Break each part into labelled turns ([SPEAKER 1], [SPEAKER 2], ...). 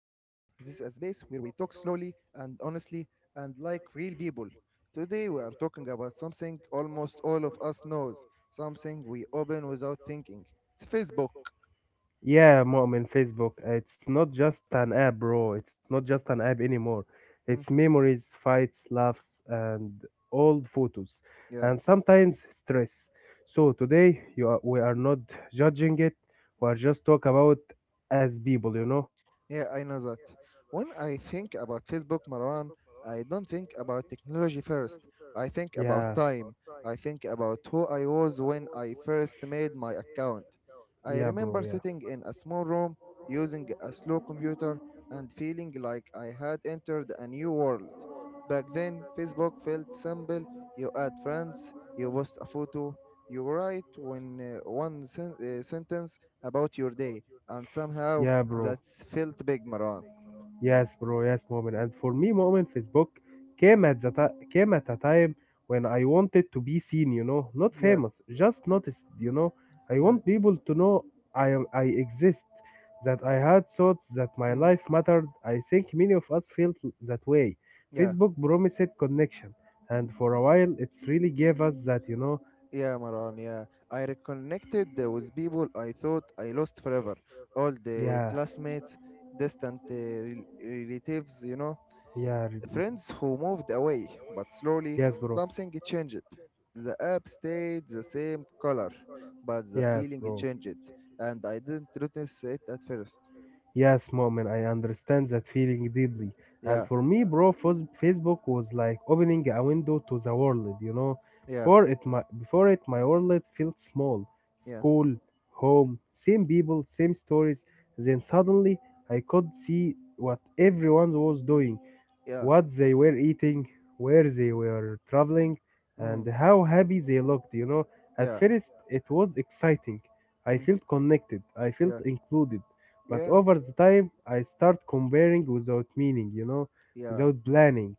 [SPEAKER 1] This is a space where we talk slowly and honestly and like real people. Today, we are talking about something almost all of us knows, something we open without thinking. It's Facebook. Mm, yeah.
[SPEAKER 2] We are not judging it, we are just talk about as people, you know.
[SPEAKER 1] Yeah, I know that. When I think about Facebook, Marwan, I don't think about technology first. I think about
[SPEAKER 2] Yeah,
[SPEAKER 1] time. I think about who I was when I first made my account. I
[SPEAKER 2] yeah, bro,
[SPEAKER 1] remember sitting in a small room using a slow computer and feeling like I had entered a new world. Back then, Facebook felt simple. You add friends, you post a photo, you write one sentence about your day, and somehow
[SPEAKER 2] to
[SPEAKER 1] that's felt big, Maran.
[SPEAKER 2] yes, bro. Yes, moment. And for me, moment Facebook came at a time when I wanted to be seen. You know, not
[SPEAKER 1] Yeah,
[SPEAKER 2] famous, just noticed. You know, I
[SPEAKER 1] yeah,
[SPEAKER 2] want people to know I am, I exist. That I had thoughts, that my
[SPEAKER 1] mm,
[SPEAKER 2] life mattered. I think many of us felt that way.
[SPEAKER 1] yeah,
[SPEAKER 2] Facebook promised connection, and for a while, it's really gave us that. You know,
[SPEAKER 1] yeah, Maran. Yeah, I reconnected with people I thought I lost forever. All the
[SPEAKER 2] yeah,
[SPEAKER 1] classmates, distant relatives, you know,
[SPEAKER 2] yeah, really.
[SPEAKER 1] friends who moved away. But slowly,
[SPEAKER 2] Yes, bro.
[SPEAKER 1] something changed. The app stayed the same color, but the
[SPEAKER 2] Yes,
[SPEAKER 1] feeling
[SPEAKER 2] bro.
[SPEAKER 1] changed, and I didn't notice it at first.
[SPEAKER 2] Yes, mom, and I understand that feeling deeply. And
[SPEAKER 1] Yeah,
[SPEAKER 2] for me, bro, Facebook was like opening a window to the world, you know.
[SPEAKER 1] yeah,
[SPEAKER 2] Before it, my world felt small.
[SPEAKER 1] yeah,
[SPEAKER 2] School, home, same people, same stories. Then suddenly, I could see what everyone was doing,
[SPEAKER 1] yeah,
[SPEAKER 2] what they were eating, where they were traveling,
[SPEAKER 1] mm,
[SPEAKER 2] and how happy they looked, you know. At
[SPEAKER 1] yeah,
[SPEAKER 2] first, it was exciting. I
[SPEAKER 1] mm,
[SPEAKER 2] felt connected, I felt
[SPEAKER 1] yeah,
[SPEAKER 2] included. But
[SPEAKER 1] yeah,
[SPEAKER 2] over the time, I start comparing without meaning, you know,
[SPEAKER 1] yeah.
[SPEAKER 2] without planning,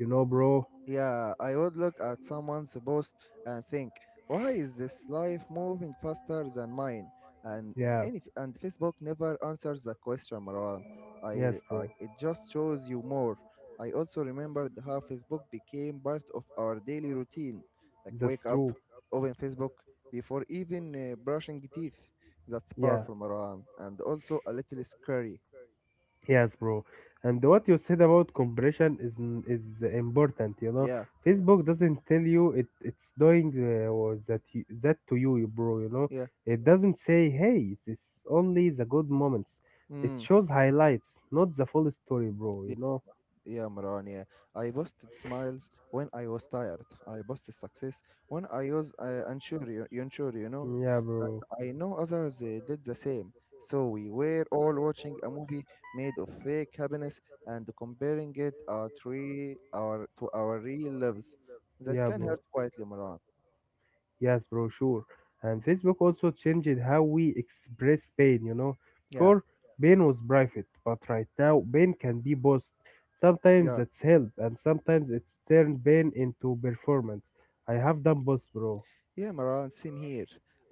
[SPEAKER 2] you know, bro.
[SPEAKER 1] Yeah, I would look at someone's post and think, why is this life moving faster than mine? And
[SPEAKER 2] Yeah,
[SPEAKER 1] and Facebook never answers the question, Marwan. I,
[SPEAKER 2] yes,
[SPEAKER 1] I
[SPEAKER 2] bro.
[SPEAKER 1] it just shows you more. I also remembered how Facebook became part of our daily routine, like wake
[SPEAKER 2] That's
[SPEAKER 1] up,
[SPEAKER 2] true.
[SPEAKER 1] open Facebook before even brushing teeth. That's
[SPEAKER 2] Yeah.
[SPEAKER 1] powerful, Marwan, and also a little scary.
[SPEAKER 2] Yes, bro. And what you said about compression is important. You know,
[SPEAKER 1] Yeah,
[SPEAKER 2] Facebook doesn't tell you it's doing or that you, that to you, you bro. You know,
[SPEAKER 1] yeah.
[SPEAKER 2] it doesn't say, hey, this is only the good moments. It
[SPEAKER 1] Mm.
[SPEAKER 2] shows highlights, not the full story, bro. You know.
[SPEAKER 1] Yeah, Maran, yeah. I posted smiles when I was tired. I posted success when I was unsure, unsure, you know.
[SPEAKER 2] Yeah,
[SPEAKER 1] And
[SPEAKER 2] bro.
[SPEAKER 1] I know others did the same. So we were all watching a movie made of fake happiness and comparing it our three, our to our real lives. That
[SPEAKER 2] Yeah,
[SPEAKER 1] can
[SPEAKER 2] bro.
[SPEAKER 1] hurt quietly, Maran.
[SPEAKER 2] Yes, bro, sure. And Facebook also changed how we express pain, you know.
[SPEAKER 1] Yeah,
[SPEAKER 2] Before, pain was private, but right now, pain can be both. Sometimes
[SPEAKER 1] yeah,
[SPEAKER 2] that's help, and sometimes it's turned pain into performance. I have done both, bro.
[SPEAKER 1] yeah, Maran. Same here.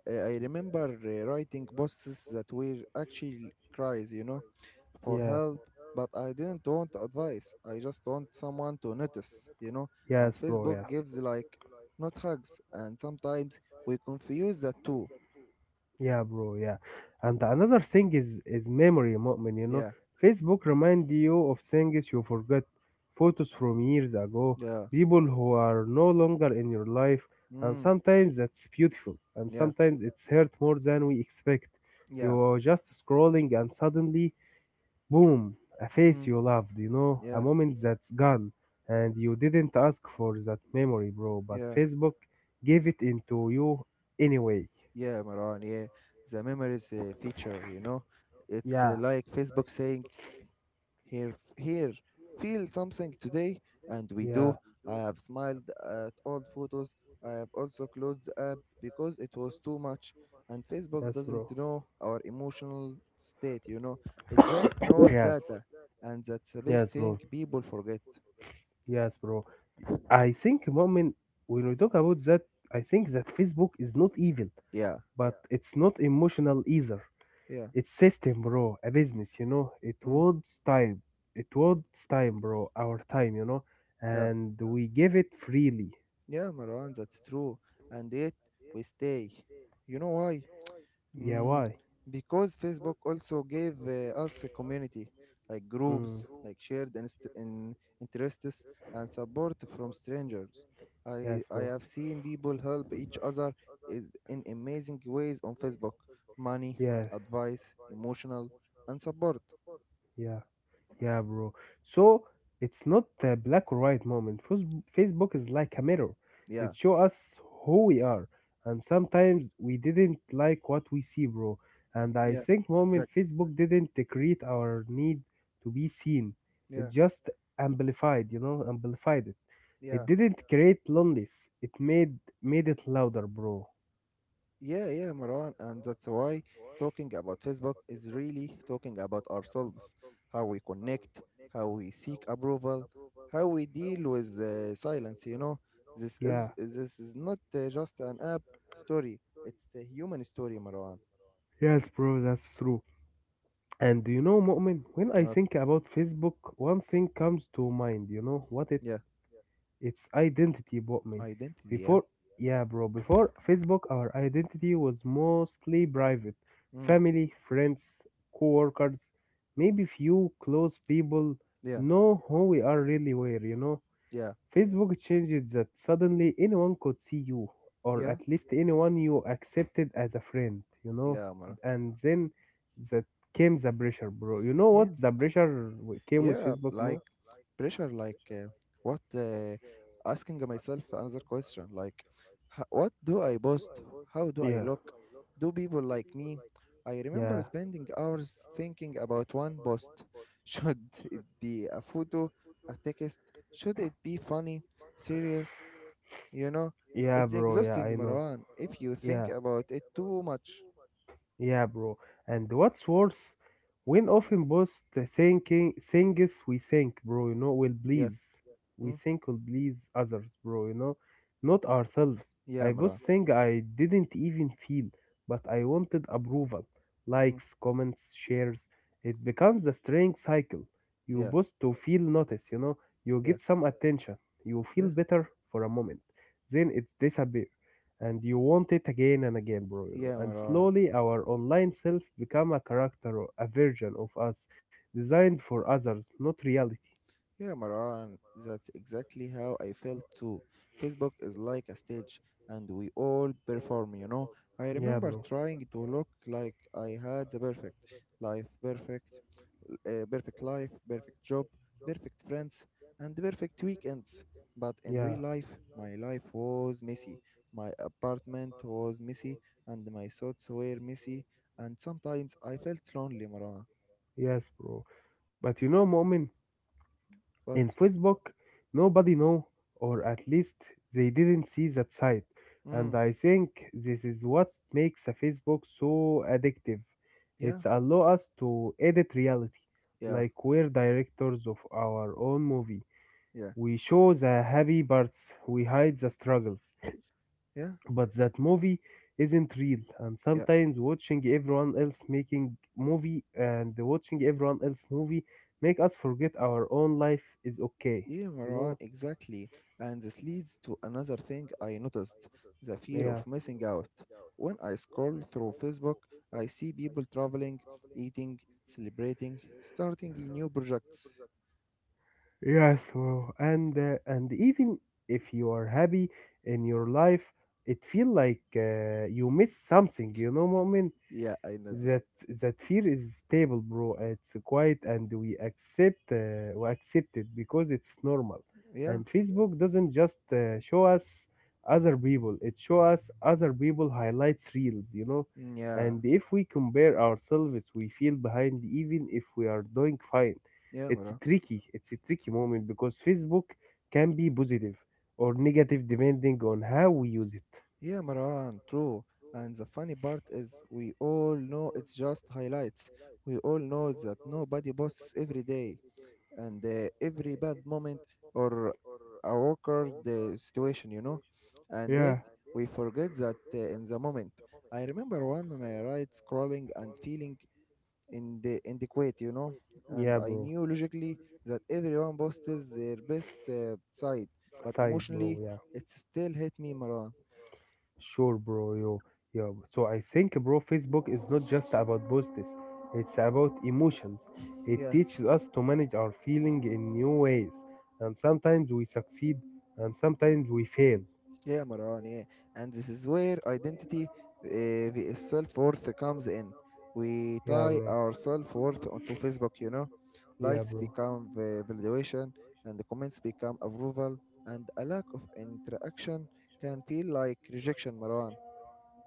[SPEAKER 1] I remember writing posts that were actually cries, you know for
[SPEAKER 2] Yeah,
[SPEAKER 1] help, but I didn't want advice. I just want someone to notice, you know. And
[SPEAKER 2] yes, bro,
[SPEAKER 1] Facebook
[SPEAKER 2] yeah.
[SPEAKER 1] gives like not hugs, and sometimes we confuse the two.
[SPEAKER 2] Yeah, bro, yeah. And another thing is memory, Mu'min, you know.
[SPEAKER 1] Yeah,
[SPEAKER 2] Facebook remind you of things you forgot, photos from years ago,
[SPEAKER 1] yeah,
[SPEAKER 2] people who are no longer in your life, and
[SPEAKER 1] mm,
[SPEAKER 2] sometimes that's beautiful, and
[SPEAKER 1] yeah,
[SPEAKER 2] sometimes it's hurt more than we expect.
[SPEAKER 1] yeah,
[SPEAKER 2] You're just scrolling and suddenly, boom, a face
[SPEAKER 1] mm,
[SPEAKER 2] you loved, you know, a
[SPEAKER 1] yeah,
[SPEAKER 2] moment that's gone, and you didn't ask for that memory, bro, but
[SPEAKER 1] yeah,
[SPEAKER 2] Facebook gave it into you anyway.
[SPEAKER 1] yeah, Maran. Yeah, the memories feature, you know. It's
[SPEAKER 2] Yeah,
[SPEAKER 1] like Facebook saying, here, here, feel something today, and we
[SPEAKER 2] yeah.
[SPEAKER 1] do. I have smiled at old photos. I have also closed the app because it was too much. And Facebook
[SPEAKER 2] Yes,
[SPEAKER 1] doesn't
[SPEAKER 2] bro.
[SPEAKER 1] know our emotional state, you know. It just knows
[SPEAKER 2] Yes.
[SPEAKER 1] data, and that's a big
[SPEAKER 2] Yes, bro.
[SPEAKER 1] thing people forget.
[SPEAKER 2] Yes, bro. I think, moment when we talk about that, I think that Facebook is not evil,
[SPEAKER 1] Yeah,
[SPEAKER 2] but it's not emotional either.
[SPEAKER 1] yeah,
[SPEAKER 2] It's system, bro. A business, you know. It
[SPEAKER 1] mm,
[SPEAKER 2] wants time. It wants time, bro. Our time, you know.
[SPEAKER 1] yeah,
[SPEAKER 2] And we give it freely.
[SPEAKER 1] yeah, Marwan, that's true. And yet we stay. You know why?
[SPEAKER 2] Yeah,
[SPEAKER 1] Mm,
[SPEAKER 2] why?
[SPEAKER 1] because Facebook also gave us a community, like
[SPEAKER 2] Mm.
[SPEAKER 1] groups, like shared inst- in interests and support from strangers. I,
[SPEAKER 2] Yes,
[SPEAKER 1] I
[SPEAKER 2] bro.
[SPEAKER 1] have seen people help each other in amazing ways on Facebook: money,
[SPEAKER 2] Yeah,
[SPEAKER 1] advice, emotional, and support.
[SPEAKER 2] yeah. Yeah, bro. So it's not a black or white moment. Facebook is like a mirror. It
[SPEAKER 1] Yeah,
[SPEAKER 2] shows us who we are, and sometimes we didn't like what we see, bro. And I
[SPEAKER 1] yeah,
[SPEAKER 2] think moment
[SPEAKER 1] exactly.
[SPEAKER 2] Facebook didn't create our need to be seen. It
[SPEAKER 1] Yeah,
[SPEAKER 2] just amplified, you know, amplified it. It
[SPEAKER 1] yeah.
[SPEAKER 2] didn't create loneliness. It made it louder, bro.
[SPEAKER 1] Yeah, yeah, Marwan, and that's why talking about Facebook is really talking about ourselves, how we connect, how we seek approval, how we deal with silence. You know, this is
[SPEAKER 2] Yeah.
[SPEAKER 1] this is not just an app story; it's a human story, Marwan.
[SPEAKER 2] Yes, bro, that's true. And do you know, Mu'min, when I
[SPEAKER 1] Uh,
[SPEAKER 2] think about Facebook, one thing comes to mind, you know what it.
[SPEAKER 1] yeah,
[SPEAKER 2] It's identity, Botman.
[SPEAKER 1] identity. Yeah,
[SPEAKER 2] Before, yeah, bro, before Facebook, our identity was mostly private.
[SPEAKER 1] mm,
[SPEAKER 2] Family, friends, co-workers, maybe few close people
[SPEAKER 1] yeah,
[SPEAKER 2] know who we are really were, you know?
[SPEAKER 1] yeah,
[SPEAKER 2] Facebook changed that, suddenly anyone could see you, or
[SPEAKER 1] yeah,
[SPEAKER 2] at least anyone you accepted as a friend, you know?
[SPEAKER 1] yeah, Marwan.
[SPEAKER 2] And then that came the pressure, bro. You know what
[SPEAKER 1] Yeah.
[SPEAKER 2] the pressure came with
[SPEAKER 1] Yeah,
[SPEAKER 2] Facebook more?
[SPEAKER 1] like pressure, like what? Asking myself another question, like, what do I post? How do I
[SPEAKER 2] Yeah.
[SPEAKER 1] look? Do people like me? I remember
[SPEAKER 2] Yeah.
[SPEAKER 1] spending hours thinking about one post. Should it be a photo, a text? Should it be funny, serious? You know,
[SPEAKER 2] Yeah,
[SPEAKER 1] it's
[SPEAKER 2] bro. Yeah,
[SPEAKER 1] exhausting,
[SPEAKER 2] I know.
[SPEAKER 1] Marwan, if you
[SPEAKER 2] Yeah.
[SPEAKER 1] think about it too much.
[SPEAKER 2] Yeah, bro. And what's worse, when often both the thinking things we think, bro, you know, will
[SPEAKER 1] Yeah,
[SPEAKER 2] please. We
[SPEAKER 1] mm,
[SPEAKER 2] think will please others, bro, you know, not ourselves.
[SPEAKER 1] yeah,
[SPEAKER 2] I both
[SPEAKER 1] Marwan.
[SPEAKER 2] think I didn't even feel, but I wanted approval,
[SPEAKER 1] Mm,
[SPEAKER 2] likes, comments, shares. It becomes a strange cycle. You
[SPEAKER 1] yeah,
[SPEAKER 2] both to feel notice, you know, you
[SPEAKER 1] yeah,
[SPEAKER 2] get some attention, you
[SPEAKER 1] yeah,
[SPEAKER 2] feel better for a moment, then it's disappear and you want it again and again, bro, you know,
[SPEAKER 1] yeah,
[SPEAKER 2] and
[SPEAKER 1] Marwan.
[SPEAKER 2] slowly our online self become a character or a version of us designed for others, not reality.
[SPEAKER 1] Yeah, Maran, that's exactly how I felt too. Facebook is like a stage and we all perform, you know. I
[SPEAKER 2] Yeah,
[SPEAKER 1] remember
[SPEAKER 2] bro,
[SPEAKER 1] trying to look like I had the life, perfect perfect life, perfect job, perfect friends, and perfect weekends. But in real
[SPEAKER 2] yeah.
[SPEAKER 1] life, my life was messy. My apartment was messy, and my thoughts were messy. And sometimes I felt lonely, Marwa.
[SPEAKER 2] Yes, bro. But you know moment, in
[SPEAKER 1] But,
[SPEAKER 2] Facebook, nobody know, or at least they didn't see that side. And
[SPEAKER 1] mm,
[SPEAKER 2] I think this is what makes a Facebook so addictive.
[SPEAKER 1] yeah,
[SPEAKER 2] It's allow us to edit reality,
[SPEAKER 1] yeah,
[SPEAKER 2] like we're directors of our own movie.
[SPEAKER 1] yeah,
[SPEAKER 2] We show the happy parts, we hide the struggles,
[SPEAKER 1] yeah,
[SPEAKER 2] but that movie isn't real, and
[SPEAKER 1] yeah.
[SPEAKER 2] sometimes watching everyone else making movie and watching everyone else movie make us forget our own life is okay,
[SPEAKER 1] Yeah,
[SPEAKER 2] you
[SPEAKER 1] Marwan,
[SPEAKER 2] know.
[SPEAKER 1] exactly. And this leads to another thing I noticed: the fear of
[SPEAKER 2] Yeah.
[SPEAKER 1] missing out. When I scroll through Facebook, I see people traveling, eating, celebrating, starting new projects.
[SPEAKER 2] Yes, well, and even if you are happy in your life, it feel like you miss something. You know,
[SPEAKER 1] Yeah, I know that.
[SPEAKER 2] that that fear is stable, bro. It's quiet and we accept it because it's normal.
[SPEAKER 1] Yeah,
[SPEAKER 2] And Facebook doesn't just show us other people, it show us other people highlights reels, you know.
[SPEAKER 1] mm, yeah,
[SPEAKER 2] And if we compare ourselves, we feel behind even if we are doing fine.
[SPEAKER 1] yeah,
[SPEAKER 2] It's
[SPEAKER 1] Marwan.
[SPEAKER 2] tricky, it's a tricky moment because Facebook can be positive or negative depending on how we use it.
[SPEAKER 1] Yeah, Marwan, true. And the funny part is, we all know it's just highlights. We all know that nobody posts every day. And every bad moment or a awkward situation, you know, and
[SPEAKER 2] Yeah,
[SPEAKER 1] yet we forget that in the moment. I remember one when I right scrolling and feeling in the inadequate, you know, and
[SPEAKER 2] yeah,
[SPEAKER 1] I
[SPEAKER 2] bro,
[SPEAKER 1] knew logically that everyone posts their best side, but
[SPEAKER 2] side, bro.
[SPEAKER 1] emotionally
[SPEAKER 2] Yeah,
[SPEAKER 1] it still hit me, Marwan.
[SPEAKER 2] sure, bro. Yo, yo. So I think, bro, Facebook is not just about posts; it's about emotions. It
[SPEAKER 1] Yeah.
[SPEAKER 2] teaches us to manage our feeling in new ways, and sometimes we succeed, and sometimes we fail.
[SPEAKER 1] Yeah, Marwan, yeah. And this is where identity vs self worth comes in. We
[SPEAKER 2] Yeah,
[SPEAKER 1] tie
[SPEAKER 2] bro.
[SPEAKER 1] our self worth onto Facebook, you know.
[SPEAKER 2] Yeah,
[SPEAKER 1] Likes
[SPEAKER 2] bro.
[SPEAKER 1] become validation, and the comments become approval, and a lack of interaction can feel like rejection, Marwan.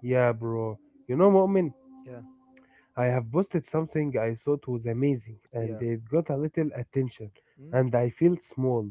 [SPEAKER 2] Yeah, bro. You know, Mu'min,
[SPEAKER 1] Yeah,
[SPEAKER 2] I have posted something I thought was amazing, and
[SPEAKER 1] yeah,
[SPEAKER 2] it got a little attention, and
[SPEAKER 1] mm,
[SPEAKER 2] I felt small,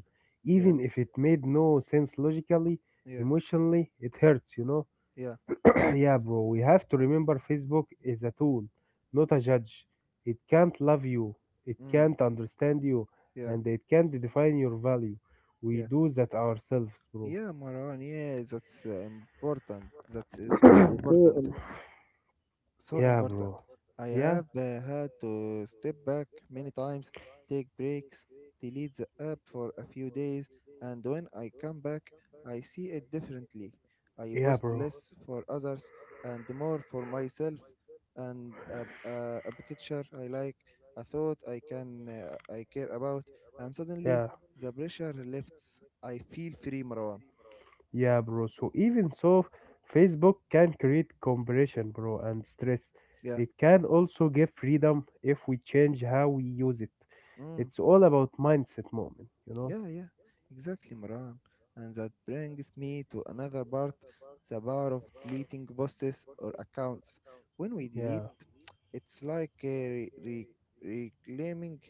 [SPEAKER 1] yeah,
[SPEAKER 2] even if it made no sense logically.
[SPEAKER 1] yeah,
[SPEAKER 2] Emotionally, it hurts, you know.
[SPEAKER 1] yeah,
[SPEAKER 2] Yeah, bro, we have to remember Facebook is a tool, not a judge. It can't love you, it
[SPEAKER 1] mm,
[SPEAKER 2] can't understand you,
[SPEAKER 1] yeah,
[SPEAKER 2] and it can't define your value. We
[SPEAKER 1] yeah.
[SPEAKER 2] do that ourselves, bro.
[SPEAKER 1] Yeah, Marwan, yeah, that's important. That's so important. So
[SPEAKER 2] Yeah,
[SPEAKER 1] important.
[SPEAKER 2] bro.
[SPEAKER 1] I
[SPEAKER 2] Yeah,
[SPEAKER 1] have had to step back many times, take breaks, delete the app for a few days, and when I come back, I see it differently. I
[SPEAKER 2] yeah,
[SPEAKER 1] post
[SPEAKER 2] bro.
[SPEAKER 1] less for others and more for myself, and a picture I like, a thought I can I care about, and
[SPEAKER 2] Yeah,
[SPEAKER 1] suddenly the pressure lifts. I feel free, Marwan.
[SPEAKER 2] yeah, bro. So even so, Facebook can create compression, bro, and stress.
[SPEAKER 1] Yeah.
[SPEAKER 2] It can also give freedom if we change how we use it.
[SPEAKER 1] Mm.
[SPEAKER 2] It's all about mindset moment, you know?
[SPEAKER 1] Yeah, yeah, exactly, Maran. And that brings me to another part: the power of deleting posts or accounts. When we delete,
[SPEAKER 2] Yeah,
[SPEAKER 1] it's like reclaiming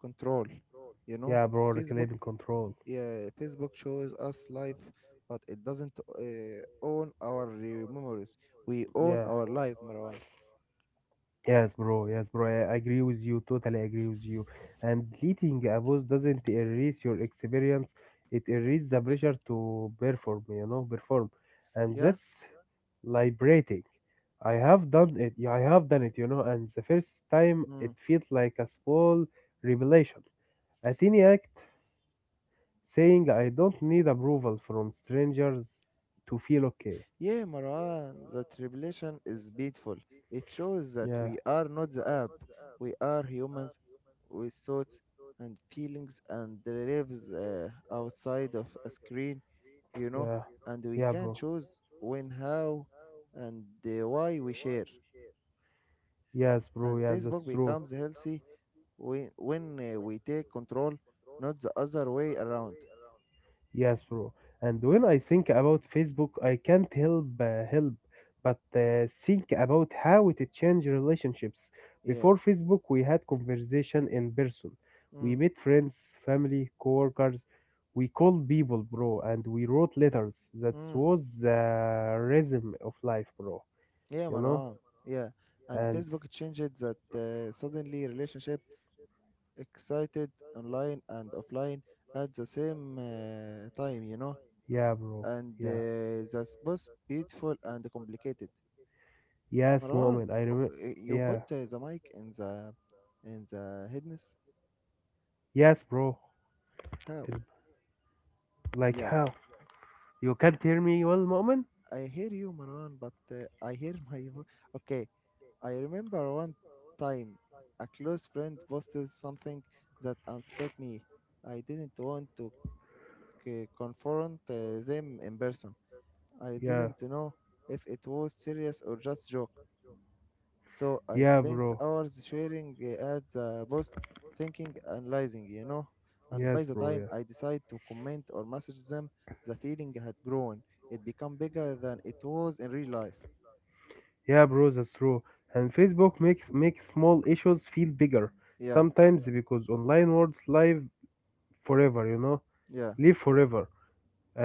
[SPEAKER 1] control. You know,
[SPEAKER 2] yeah, bro,
[SPEAKER 1] Facebook,
[SPEAKER 2] reclaiming control.
[SPEAKER 1] yeah, Facebook shows us life, but it doesn't own our memories. We own
[SPEAKER 2] Yeah.
[SPEAKER 1] our life, Marwan.
[SPEAKER 2] Yes, bro. Yes, bro. I agree with you. Totally agree with you. And deleting a post doesn't erase your experience. It erases the pressure to perform, you know, perform. And
[SPEAKER 1] Yeah?
[SPEAKER 2] that's liberating. I have done it. Yeah, I have done it, you know, and the first time
[SPEAKER 1] Hmm.
[SPEAKER 2] it felt like a small revelation. A tiny act saying I don't need approval from strangers to feel okay.
[SPEAKER 1] Yeah, Marwan, the revelation is beautiful. It shows that
[SPEAKER 2] Yeah.
[SPEAKER 1] we are not the app. We are humans with thoughts and feelings and lives outside of a screen, you know,
[SPEAKER 2] Yeah.
[SPEAKER 1] and we
[SPEAKER 2] Yeah,
[SPEAKER 1] can
[SPEAKER 2] bro.
[SPEAKER 1] choose when, how, and why we share.
[SPEAKER 2] Yes, bro.
[SPEAKER 1] And
[SPEAKER 2] Yes, that's
[SPEAKER 1] Facebook
[SPEAKER 2] true.
[SPEAKER 1] becomes healthy when we take control, not the other way around.
[SPEAKER 2] Yes, bro. And when I think about Facebook, I can't help but think about how it changed relationships.
[SPEAKER 1] Yeah.
[SPEAKER 2] Before Facebook, we had conversation in person. We
[SPEAKER 1] Mm,
[SPEAKER 2] met friends, family, coworkers. We called people, bro, and we wrote letters. That
[SPEAKER 1] mm.
[SPEAKER 2] was the rhythm of life, bro.
[SPEAKER 1] Yeah,
[SPEAKER 2] You know?
[SPEAKER 1] Marwan. Yeah, and
[SPEAKER 2] And
[SPEAKER 1] Facebook changed that suddenly relationship excited online and offline at the same time, you know,
[SPEAKER 2] yeah, bro.
[SPEAKER 1] and
[SPEAKER 2] Yeah.
[SPEAKER 1] that's both beautiful and complicated.
[SPEAKER 2] Yes,
[SPEAKER 1] Marwan,
[SPEAKER 2] moment. I remember.
[SPEAKER 1] you put
[SPEAKER 2] Yeah.
[SPEAKER 1] the mic in the headness.
[SPEAKER 2] Yes, bro.
[SPEAKER 1] How?
[SPEAKER 2] It's like
[SPEAKER 1] Yeah,
[SPEAKER 2] how? You can't hear me well, Mu'min?
[SPEAKER 1] I hear you, Marwan, but I hear my vo-. Okay. I remember one time a close friend posted something that unsped me. I didn't want to confront them in person. I
[SPEAKER 2] Yeah,
[SPEAKER 1] didn't know if it was serious or just joke. So I
[SPEAKER 2] yeah,
[SPEAKER 1] spent
[SPEAKER 2] bro.
[SPEAKER 1] hours sharing at the post, thinking, analyzing, you know. And by
[SPEAKER 2] Yes,
[SPEAKER 1] the
[SPEAKER 2] bro.
[SPEAKER 1] time
[SPEAKER 2] Yeah,
[SPEAKER 1] I decided to comment or message them, the feeling had grown. It became bigger than it was in real life.
[SPEAKER 2] yeah, bro. That's true. And Facebook makes small issues feel bigger
[SPEAKER 1] Yeah,
[SPEAKER 2] sometimes because online words live forever. You know,
[SPEAKER 1] yeah,
[SPEAKER 2] live forever.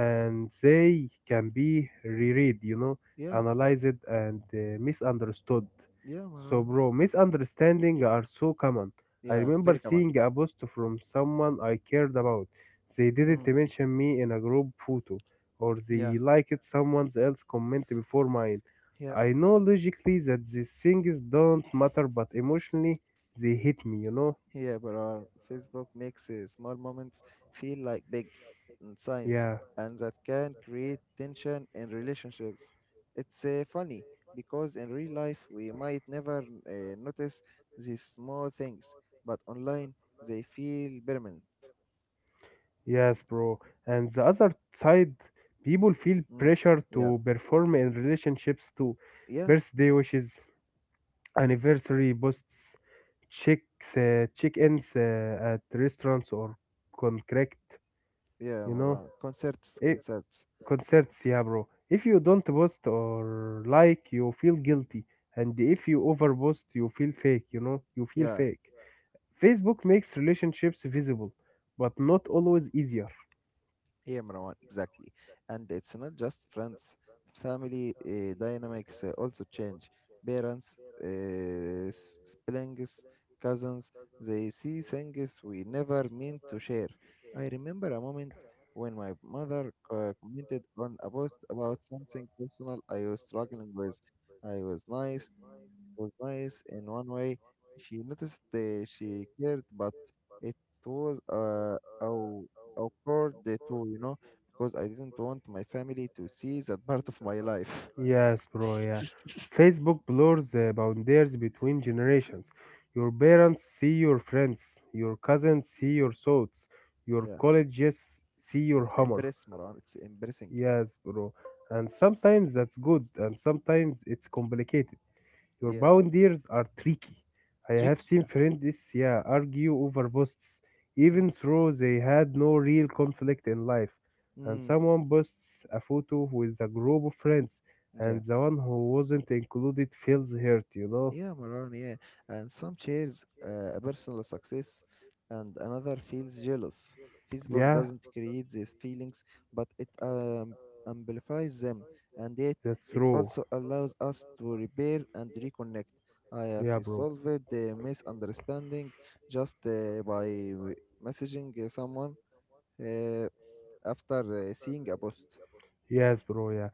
[SPEAKER 2] And they can be reread, you know,
[SPEAKER 1] yeah,
[SPEAKER 2] analyzed and misunderstood.
[SPEAKER 1] yeah,
[SPEAKER 2] So,
[SPEAKER 1] Maran.
[SPEAKER 2] bro, misunderstanding are so common. I
[SPEAKER 1] Yeah,
[SPEAKER 2] remember
[SPEAKER 1] very common.
[SPEAKER 2] seeing a post from someone I cared about. They didn't
[SPEAKER 1] Mm,
[SPEAKER 2] mention me in a group photo, or
[SPEAKER 1] yeah,
[SPEAKER 2] they liked someone else's comment before mine.
[SPEAKER 1] yeah.
[SPEAKER 2] I know logically that these things don't matter, but emotionally they hit me, you know?
[SPEAKER 1] Yeah, Barar, Facebook makes small moments feel like big in science,
[SPEAKER 2] Yeah.
[SPEAKER 1] and that can create tension in relationships. It's funny because in real life we might never notice these small things, but online they feel permanent.
[SPEAKER 2] Yes, bro. And the other side, people feel
[SPEAKER 1] Mm.
[SPEAKER 2] pressure
[SPEAKER 1] Yeah,
[SPEAKER 2] to perform in relationships to
[SPEAKER 1] yeah,
[SPEAKER 2] birthday wishes, anniversary posts, check check-ins at restaurants or contract,
[SPEAKER 1] yeah,
[SPEAKER 2] you know,
[SPEAKER 1] Maran. Concerts,
[SPEAKER 2] eh,
[SPEAKER 1] concerts.
[SPEAKER 2] concerts. Yeah, bro. If you don't post or like, you feel guilty, and if you overpost, you feel fake. You know, you feel
[SPEAKER 1] Yeah,
[SPEAKER 2] fake. Facebook makes relationships visible, but not always easier.
[SPEAKER 1] Yeah, Marwan, exactly. And it's not just friends. Family dynamics also change. Parents, siblings, cousins, they see things we never meant to share. I remember a moment when my mother commented on a post about something personal I was struggling with. I was nice in one way. She noticed that she cared, but it was aw- awkward too, you know, because I didn't want my family to see that part of my life.
[SPEAKER 2] Yes, bro, yeah. Facebook blurs the boundaries between generations. Your parents see your friends, your cousins see your thoughts, your
[SPEAKER 1] Yeah,
[SPEAKER 2] colleges see your
[SPEAKER 1] it's
[SPEAKER 2] humor.
[SPEAKER 1] embarrassing, Maran. It's embarrassing.
[SPEAKER 2] Yes, bro. And sometimes that's good, and sometimes it's complicated. Your
[SPEAKER 1] Yeah,
[SPEAKER 2] boundaries are tricky. I have
[SPEAKER 1] tricky.
[SPEAKER 2] seen
[SPEAKER 1] Yeah.
[SPEAKER 2] friends, yeah, argue over posts,
[SPEAKER 1] Mm.
[SPEAKER 2] even though they had no real conflict in life. And
[SPEAKER 1] Mm.
[SPEAKER 2] someone posts a photo with a group of friends, and
[SPEAKER 1] Yeah.
[SPEAKER 2] the one who wasn't included feels hurt, you know?
[SPEAKER 1] Yeah, Maran, yeah. And some shares a personal success and another feels jealous. Facebook
[SPEAKER 2] Yeah,
[SPEAKER 1] doesn't create these feelings, but it amplifies them. And yet,
[SPEAKER 2] that's
[SPEAKER 1] it
[SPEAKER 2] true.
[SPEAKER 1] also allows us to repair and reconnect. I have
[SPEAKER 2] Yeah, bro.
[SPEAKER 1] resolved the misunderstanding just by w- messaging someone uh, after seeing a post.
[SPEAKER 2] Yes, bro, yeah.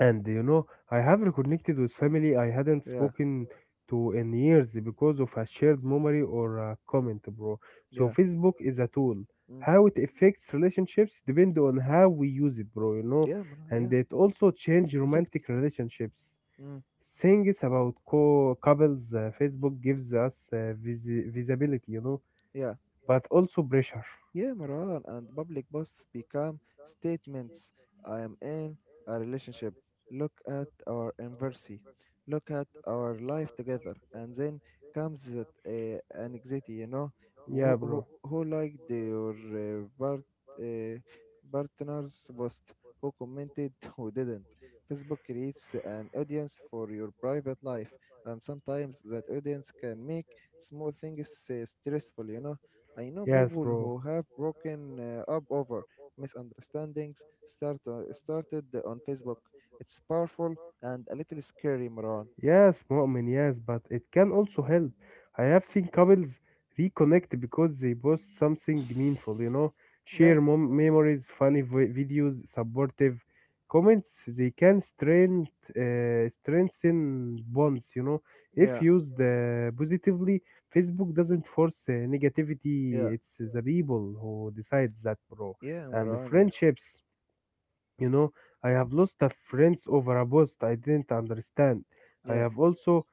[SPEAKER 2] And you know, I have reconnected with family I hadn't
[SPEAKER 1] Yeah,
[SPEAKER 2] spoken to in years because of a shared memory or a comment, bro. So
[SPEAKER 1] yeah,
[SPEAKER 2] Facebook is a tool.
[SPEAKER 1] mm,
[SPEAKER 2] How it affects relationships depend on how we use it, bro, you know.
[SPEAKER 1] yeah, Maran, yeah,
[SPEAKER 2] And it also change
[SPEAKER 1] exactly.
[SPEAKER 2] romantic relationships.
[SPEAKER 1] Mm,
[SPEAKER 2] Things about co couples, Facebook gives us visibility, you know,
[SPEAKER 1] yeah.
[SPEAKER 2] but also pressure.
[SPEAKER 1] Yeah, Maran, and public posts become statements. I am in a relationship. Look at our anniversary. Look at our life together. And then comes that anxiety, you know,
[SPEAKER 2] Yeah, bro.
[SPEAKER 1] who liked your uh, partner's post, who commented, who didn't. Facebook creates an audience for your private life, and sometimes that audience can make small things stressful, you know. I know
[SPEAKER 2] Yes,
[SPEAKER 1] people
[SPEAKER 2] bro.
[SPEAKER 1] who have broken up over misunderstandings started on Facebook. It's powerful and a little scary, Maran.
[SPEAKER 2] Yes, Mu'min, yes, but it can also help. I have seen couples reconnect because they post something meaningful, you know,
[SPEAKER 1] Yeah,
[SPEAKER 2] share memories, funny videos, supportive comments. They can strengthen bonds, you know, if
[SPEAKER 1] yeah,
[SPEAKER 2] used positively. Facebook doesn't force negativity,
[SPEAKER 1] yeah,
[SPEAKER 2] it's the people who decide that, bro.
[SPEAKER 1] yeah,
[SPEAKER 2] And the
[SPEAKER 1] Maran. Yeah,
[SPEAKER 2] friendships. You know, I have lost a friends over a post I didn't understand. I
[SPEAKER 1] yeah,
[SPEAKER 2] have also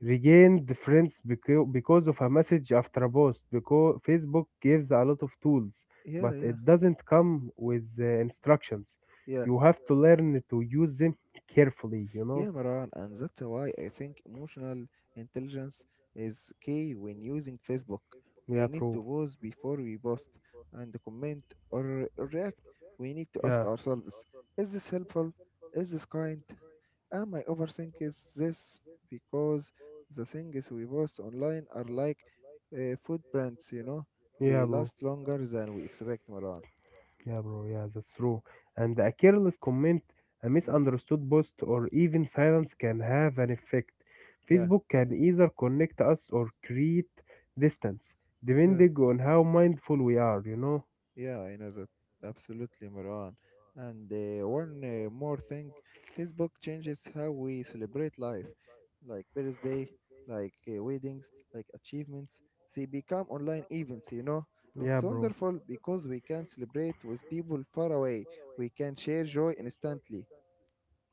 [SPEAKER 2] regained friends because of a message after a post. Because Facebook gives a lot of tools,
[SPEAKER 1] yeah,
[SPEAKER 2] but
[SPEAKER 1] yeah,
[SPEAKER 2] it doesn't come with instructions.
[SPEAKER 1] yeah.
[SPEAKER 2] You have to learn to use them carefully, you
[SPEAKER 1] Yeah,
[SPEAKER 2] know?
[SPEAKER 1] Maran, and that's why I think emotional intelligence is key when using Facebook. We
[SPEAKER 2] Yeah,
[SPEAKER 1] need to
[SPEAKER 2] true.
[SPEAKER 1] pause before we post and comment or react. We need to ask
[SPEAKER 2] Yeah,
[SPEAKER 1] ourselves, is this helpful? Is this kind? Am I overthinking this? Because the things we post online are like food brands, you know,
[SPEAKER 2] yeah,
[SPEAKER 1] they
[SPEAKER 2] bro.
[SPEAKER 1] last longer than we expect, Maran.
[SPEAKER 2] Yeah, bro. Yeah, that's true. And a careless comment, a
[SPEAKER 1] Mm,
[SPEAKER 2] misunderstood post, or even silence can have an effect.
[SPEAKER 1] yeah,
[SPEAKER 2] Facebook can either connect us or create distance,
[SPEAKER 1] yeah.
[SPEAKER 2] depending on how mindful we are, you know?
[SPEAKER 1] Yeah, I know that. Absolutely, Marwan. And one more thing, Facebook changes how we celebrate life, like birthday, like weddings, like achievements. They become online events, you know.
[SPEAKER 2] Yeah,
[SPEAKER 1] It's
[SPEAKER 2] bro.
[SPEAKER 1] wonderful because we can celebrate with people far away. We can share joy instantly.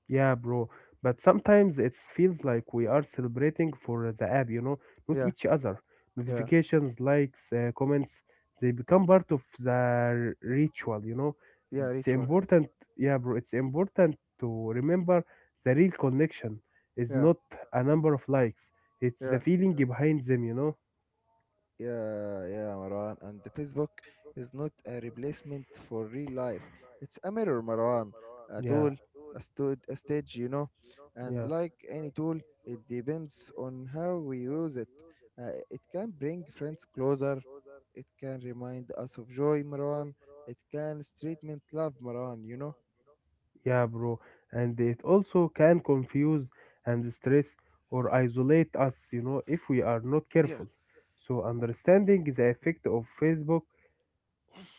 [SPEAKER 2] Yeah, bro. But sometimes it feels like we are celebrating for the app, you know, not
[SPEAKER 1] Yeah,
[SPEAKER 2] each other.
[SPEAKER 1] yeah,
[SPEAKER 2] Notifications, likes, comments, they become part of the ritual, you know.
[SPEAKER 1] yeah,
[SPEAKER 2] It's
[SPEAKER 1] ritual.
[SPEAKER 2] important, yeah, bro. It's important to remember the real connection is
[SPEAKER 1] Yeah,
[SPEAKER 2] not a number of likes, it's the
[SPEAKER 1] yeah.
[SPEAKER 2] feeling behind them, you know.
[SPEAKER 1] Yeah, yeah, Marwan. And the Facebook is not a replacement for real life. It's a mirror, Marwan. A
[SPEAKER 2] Yeah,
[SPEAKER 1] tool, a stage, you know. And
[SPEAKER 2] yeah.
[SPEAKER 1] like any tool, it depends on how we use it. It can bring friends closer. It can remind us of joy, Marwan. It can treatment love, Marwan, you know.
[SPEAKER 2] Yeah, bro. And it also can confuse and stress or isolate us, you know, if we are not
[SPEAKER 1] Yeah,
[SPEAKER 2] careful. So, understanding the effect of Facebook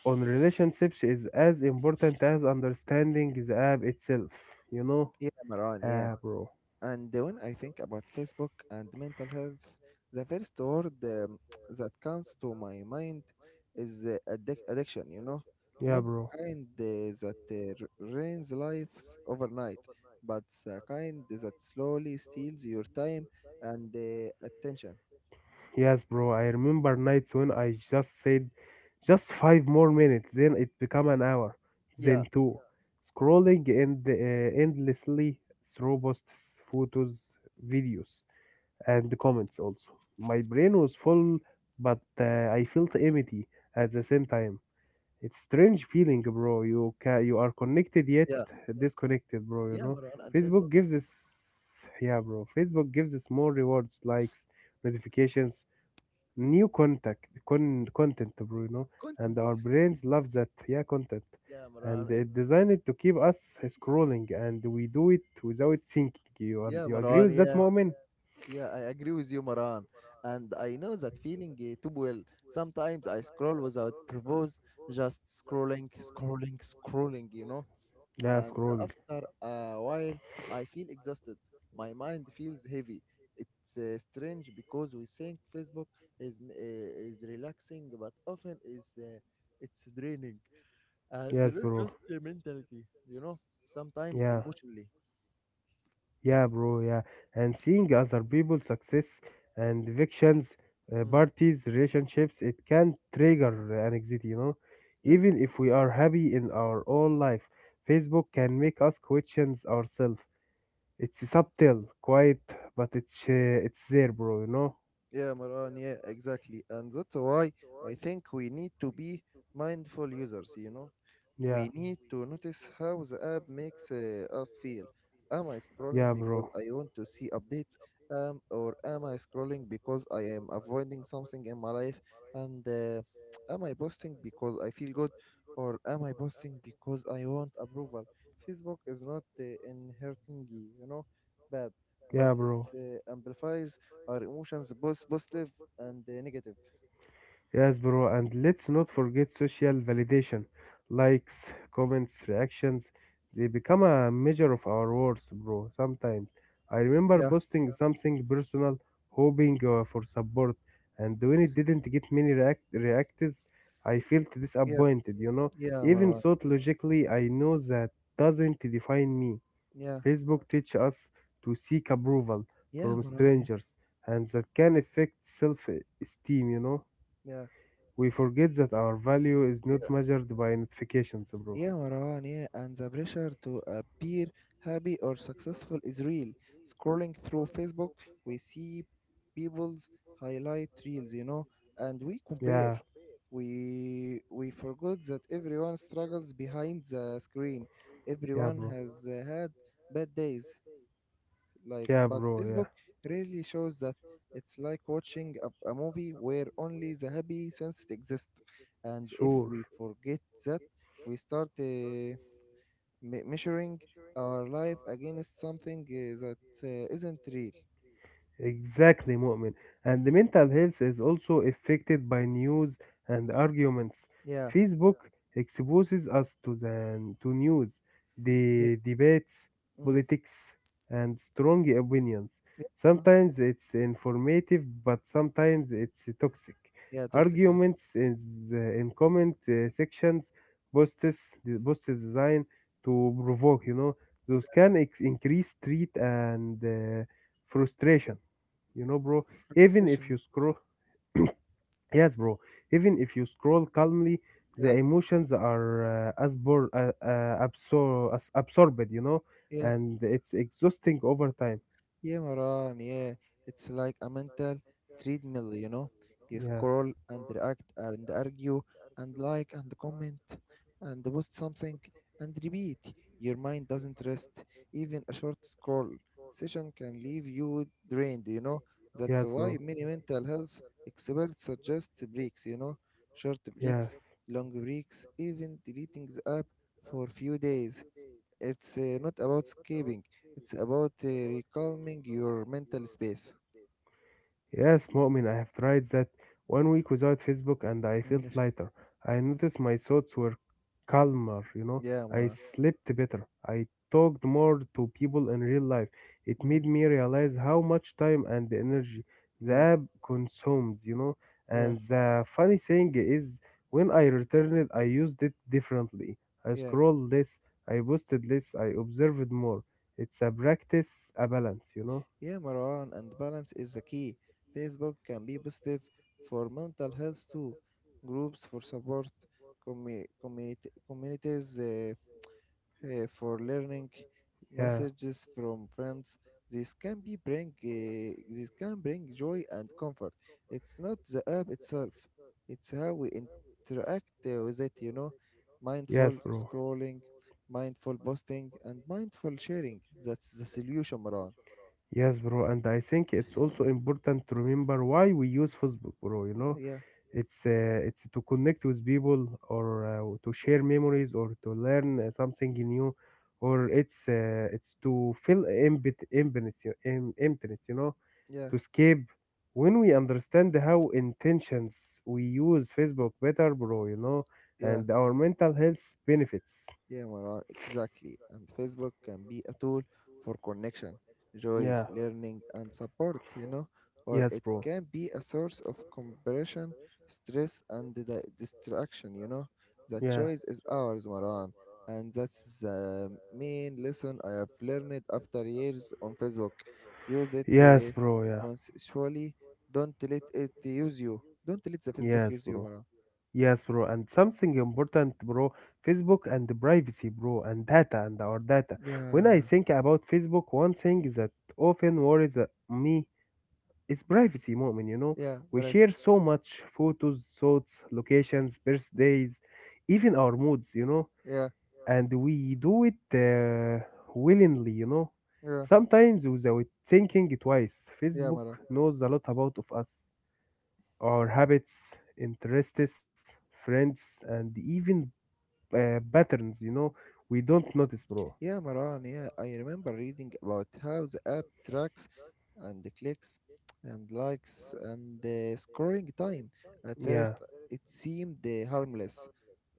[SPEAKER 2] on relationships is as important as understanding the app itself, you know?
[SPEAKER 1] yeah, Marwan. Yeah.
[SPEAKER 2] Ah, bro.
[SPEAKER 1] And when I think about Facebook and mental health, the first word that comes to my mind is addiction, you know?
[SPEAKER 2] Yeah,
[SPEAKER 1] Not
[SPEAKER 2] bro.
[SPEAKER 1] the kind that ruins lives overnight, but the kind that slowly steals your time and attention.
[SPEAKER 2] Yes, bro. I remember nights when I just said just five more minutes, then it became an hour,
[SPEAKER 1] Yeah,
[SPEAKER 2] then two. Endlessly through posts, photos, videos, and comments also. My brain was full, but I felt empty at the same time. It's strange feeling, bro. You are connected yet
[SPEAKER 1] yeah,
[SPEAKER 2] disconnected, bro, you
[SPEAKER 1] yeah,
[SPEAKER 2] know.
[SPEAKER 1] Maran, and
[SPEAKER 2] Facebook
[SPEAKER 1] Facebook
[SPEAKER 2] gives us yeah, bro. Facebook gives us more rewards, likes, notifications, new content, bro, you know, and
[SPEAKER 1] content.
[SPEAKER 2] our brains love that, yeah, content,
[SPEAKER 1] Yeah, Maran,
[SPEAKER 2] and
[SPEAKER 1] it's,
[SPEAKER 2] it designed to keep us scrolling, and we do it without thinking. You
[SPEAKER 1] yeah,
[SPEAKER 2] do you agree
[SPEAKER 1] Maran,
[SPEAKER 2] with that
[SPEAKER 1] yeah.
[SPEAKER 2] moment?
[SPEAKER 1] Yeah, I agree with you, Maran. And I know that feeling too well. Sometimes I scroll without purpose, just scrolling, scrolling, scrolling, you know.
[SPEAKER 2] Yeah,
[SPEAKER 1] And
[SPEAKER 2] scrolling,
[SPEAKER 1] after a while, I feel exhausted. My mind feels heavy. It's strange because we think Facebook is relaxing, but often is it's draining, and
[SPEAKER 2] yes,
[SPEAKER 1] not
[SPEAKER 2] bro,
[SPEAKER 1] just mentality, you know. Sometimes
[SPEAKER 2] yeah.
[SPEAKER 1] emotionally.
[SPEAKER 2] Yeah, bro, yeah. And seeing other people's success and evictions,
[SPEAKER 1] Mm.
[SPEAKER 2] parties, relationships, it can trigger anxiety, you know,
[SPEAKER 1] Yeah.
[SPEAKER 2] even if we are happy in our own life. Facebook can make us questions ourselves. It's subtle, quiet, but it's there, bro. You know?
[SPEAKER 1] Yeah, Maran, yeah, exactly. And that's why I think we need to be mindful users, you know?
[SPEAKER 2] Yeah,
[SPEAKER 1] We need to notice how the app makes us feel. Am I scrolling
[SPEAKER 2] yeah,
[SPEAKER 1] because
[SPEAKER 2] bro.
[SPEAKER 1] I want to see updates? Or am I scrolling because I am avoiding something in my life? And am I posting because I feel good? Or am I posting because I want approval? Facebook is not inherently, you know, bad, but
[SPEAKER 2] Yeah,
[SPEAKER 1] it
[SPEAKER 2] bro.
[SPEAKER 1] amplifies our emotions, both positive and negative.
[SPEAKER 2] Yes, bro. And let's not forget social validation, likes, comments, reactions. They become a measure of our worth, bro. Sometimes I remember
[SPEAKER 1] Yeah,
[SPEAKER 2] posting something personal, hoping for support, and when it didn't get many reacts, I felt
[SPEAKER 1] yeah,
[SPEAKER 2] disappointed. You know,
[SPEAKER 1] yeah,
[SPEAKER 2] even
[SPEAKER 1] Maran.
[SPEAKER 2] thought logically, I know that doesn't define me.
[SPEAKER 1] Yeah,
[SPEAKER 2] Facebook teaches us to seek approval
[SPEAKER 1] yeah,
[SPEAKER 2] from
[SPEAKER 1] Maran.
[SPEAKER 2] strangers, and that can affect self esteem, you know.
[SPEAKER 1] Yeah,
[SPEAKER 2] We forget that our value is not
[SPEAKER 1] yeah.
[SPEAKER 2] measured by notifications, bro.
[SPEAKER 1] Yeah, Marwan, yeah, and the pressure to appear happy or successful is real. Scrolling through Facebook, we see people's highlight reels, you know, and we compare.
[SPEAKER 2] Yeah,
[SPEAKER 1] We forgot that everyone struggles behind the screen.
[SPEAKER 2] yeah,
[SPEAKER 1] Everyone
[SPEAKER 2] bro.
[SPEAKER 1] has had bad days, like
[SPEAKER 2] Yeah,
[SPEAKER 1] but
[SPEAKER 2] bro, yeah.
[SPEAKER 1] Facebook rarely shows that. It's like watching a movie where only the happy sense exists, and if
[SPEAKER 2] Sure.
[SPEAKER 1] we forget that, we start measuring our life against something that isn't real.
[SPEAKER 2] Exactly, Mu'min. And the mental health is also affected by news and arguments.
[SPEAKER 1] Yeah.
[SPEAKER 2] Facebook exposes us to the to news,
[SPEAKER 1] Yeah.
[SPEAKER 2] the debates,
[SPEAKER 1] Mm.
[SPEAKER 2] politics, and strong opinions.
[SPEAKER 1] Yeah. uh,
[SPEAKER 2] Sometimes it's informative, but sometimes it's toxic.
[SPEAKER 1] yeah. Toxic. Yeah.
[SPEAKER 2] Arguments is in comment sections, posts, the posts designed to provoke. You know, those can increase street and frustration. You know, bro, even if
[SPEAKER 1] Especially.
[SPEAKER 2] you scroll, yes, bro, even if you scroll calmly, the
[SPEAKER 1] Yeah.
[SPEAKER 2] emotions are as absorbed, you know,
[SPEAKER 1] Yeah.
[SPEAKER 2] and it's exhausting over time.
[SPEAKER 1] Yeah, Maran, yeah. It's like a mental treadmill, you know? You
[SPEAKER 2] Yeah,
[SPEAKER 1] scroll and react and argue and like and comment and post something and repeat. Your mind doesn't rest. Even a short scroll session can leave you drained, you know? That's
[SPEAKER 2] yes,
[SPEAKER 1] why
[SPEAKER 2] bro,
[SPEAKER 1] many mental health experts suggest breaks, you know? Short
[SPEAKER 2] yes.
[SPEAKER 1] breaks, long breaks, even deleting the app for few days. It's not about escaping. It's about recalming your mental space.
[SPEAKER 2] Yes, Mu'min, I have tried that. 1 week without Facebook and I felt
[SPEAKER 1] Mm,
[SPEAKER 2] lighter. I noticed my thoughts were calmer, you know.
[SPEAKER 1] yeah, yeah,
[SPEAKER 2] I
[SPEAKER 1] Marwan.
[SPEAKER 2] slept better. I talked more to people in real life. It
[SPEAKER 1] Mm,
[SPEAKER 2] made me realize how much time and energy the
[SPEAKER 1] yeah,
[SPEAKER 2] app consumes, you know.
[SPEAKER 1] yeah,
[SPEAKER 2] And the funny thing is, when I returned it, I used it differently. I
[SPEAKER 1] yeah.
[SPEAKER 2] scrolled less, I posted less, I observed more. It's a practice, a balance, you know.
[SPEAKER 1] Yeah, Marwan, and balance is the key. Facebook can be positive for mental health too. Groups for support, communities for learning,
[SPEAKER 2] Yeah,
[SPEAKER 1] messages from friends. This can bring joy and comfort. It's not the app itself; it's how we interact with it. You know,
[SPEAKER 2] yes,
[SPEAKER 1] mindful
[SPEAKER 2] bro.
[SPEAKER 1] scrolling, mindful posting, and mindful sharing. That's the solution, Maran.
[SPEAKER 2] Yes, bro, and I think it's also important to remember why we use Facebook, bro. You know,
[SPEAKER 1] Yeah,
[SPEAKER 2] it's to connect with people, or to share memories, or to learn something new, or it's to fill empty emptiness, you- em- emptiness, you know,
[SPEAKER 1] yeah,
[SPEAKER 2] to escape. When we understand how intentions we use Facebook better, bro, you know,
[SPEAKER 1] yeah.
[SPEAKER 2] and our mental health benefits.
[SPEAKER 1] Yeah, Maran, exactly. And Facebook can be a tool for connection, joy,
[SPEAKER 2] Yeah.
[SPEAKER 1] learning, and support, you know, or
[SPEAKER 2] Yes,
[SPEAKER 1] it
[SPEAKER 2] bro.
[SPEAKER 1] can be a source of compression, stress, and the distraction, you know. The
[SPEAKER 2] Yeah.
[SPEAKER 1] choice is ours, Maran. And that's the main lesson I have learned after years on Facebook. Use it
[SPEAKER 2] Yes, bro. Yeah.
[SPEAKER 1] consensually. Don't let it use you. Don't let the Facebook
[SPEAKER 2] Yes,
[SPEAKER 1] use you,
[SPEAKER 2] bro.
[SPEAKER 1] Maran.
[SPEAKER 2] Yes, bro. And something important, bro. Facebook and the privacy, bro, and data and our data. When I
[SPEAKER 1] Yeah,
[SPEAKER 2] think about Facebook, one thing that often worries me is privacy moment, you know.
[SPEAKER 1] yeah, yeah,
[SPEAKER 2] We
[SPEAKER 1] right.
[SPEAKER 2] share so much photos, thoughts, locations, birthdays, even our moods, you know.
[SPEAKER 1] Yeah,
[SPEAKER 2] And we do it willingly, you know.
[SPEAKER 1] yeah,
[SPEAKER 2] Sometimes without thinking twice.
[SPEAKER 1] yeah,
[SPEAKER 2] Facebook
[SPEAKER 1] Maran.
[SPEAKER 2] knows a lot about of us. Our habits, interests, friends, and even patterns, you know, we don't notice, bro.
[SPEAKER 1] Yeah, Maran, yeah, I remember reading about how the app tracks and the clicks and likes and the scoring time. At
[SPEAKER 2] Yeah,
[SPEAKER 1] first, it seemed harmless,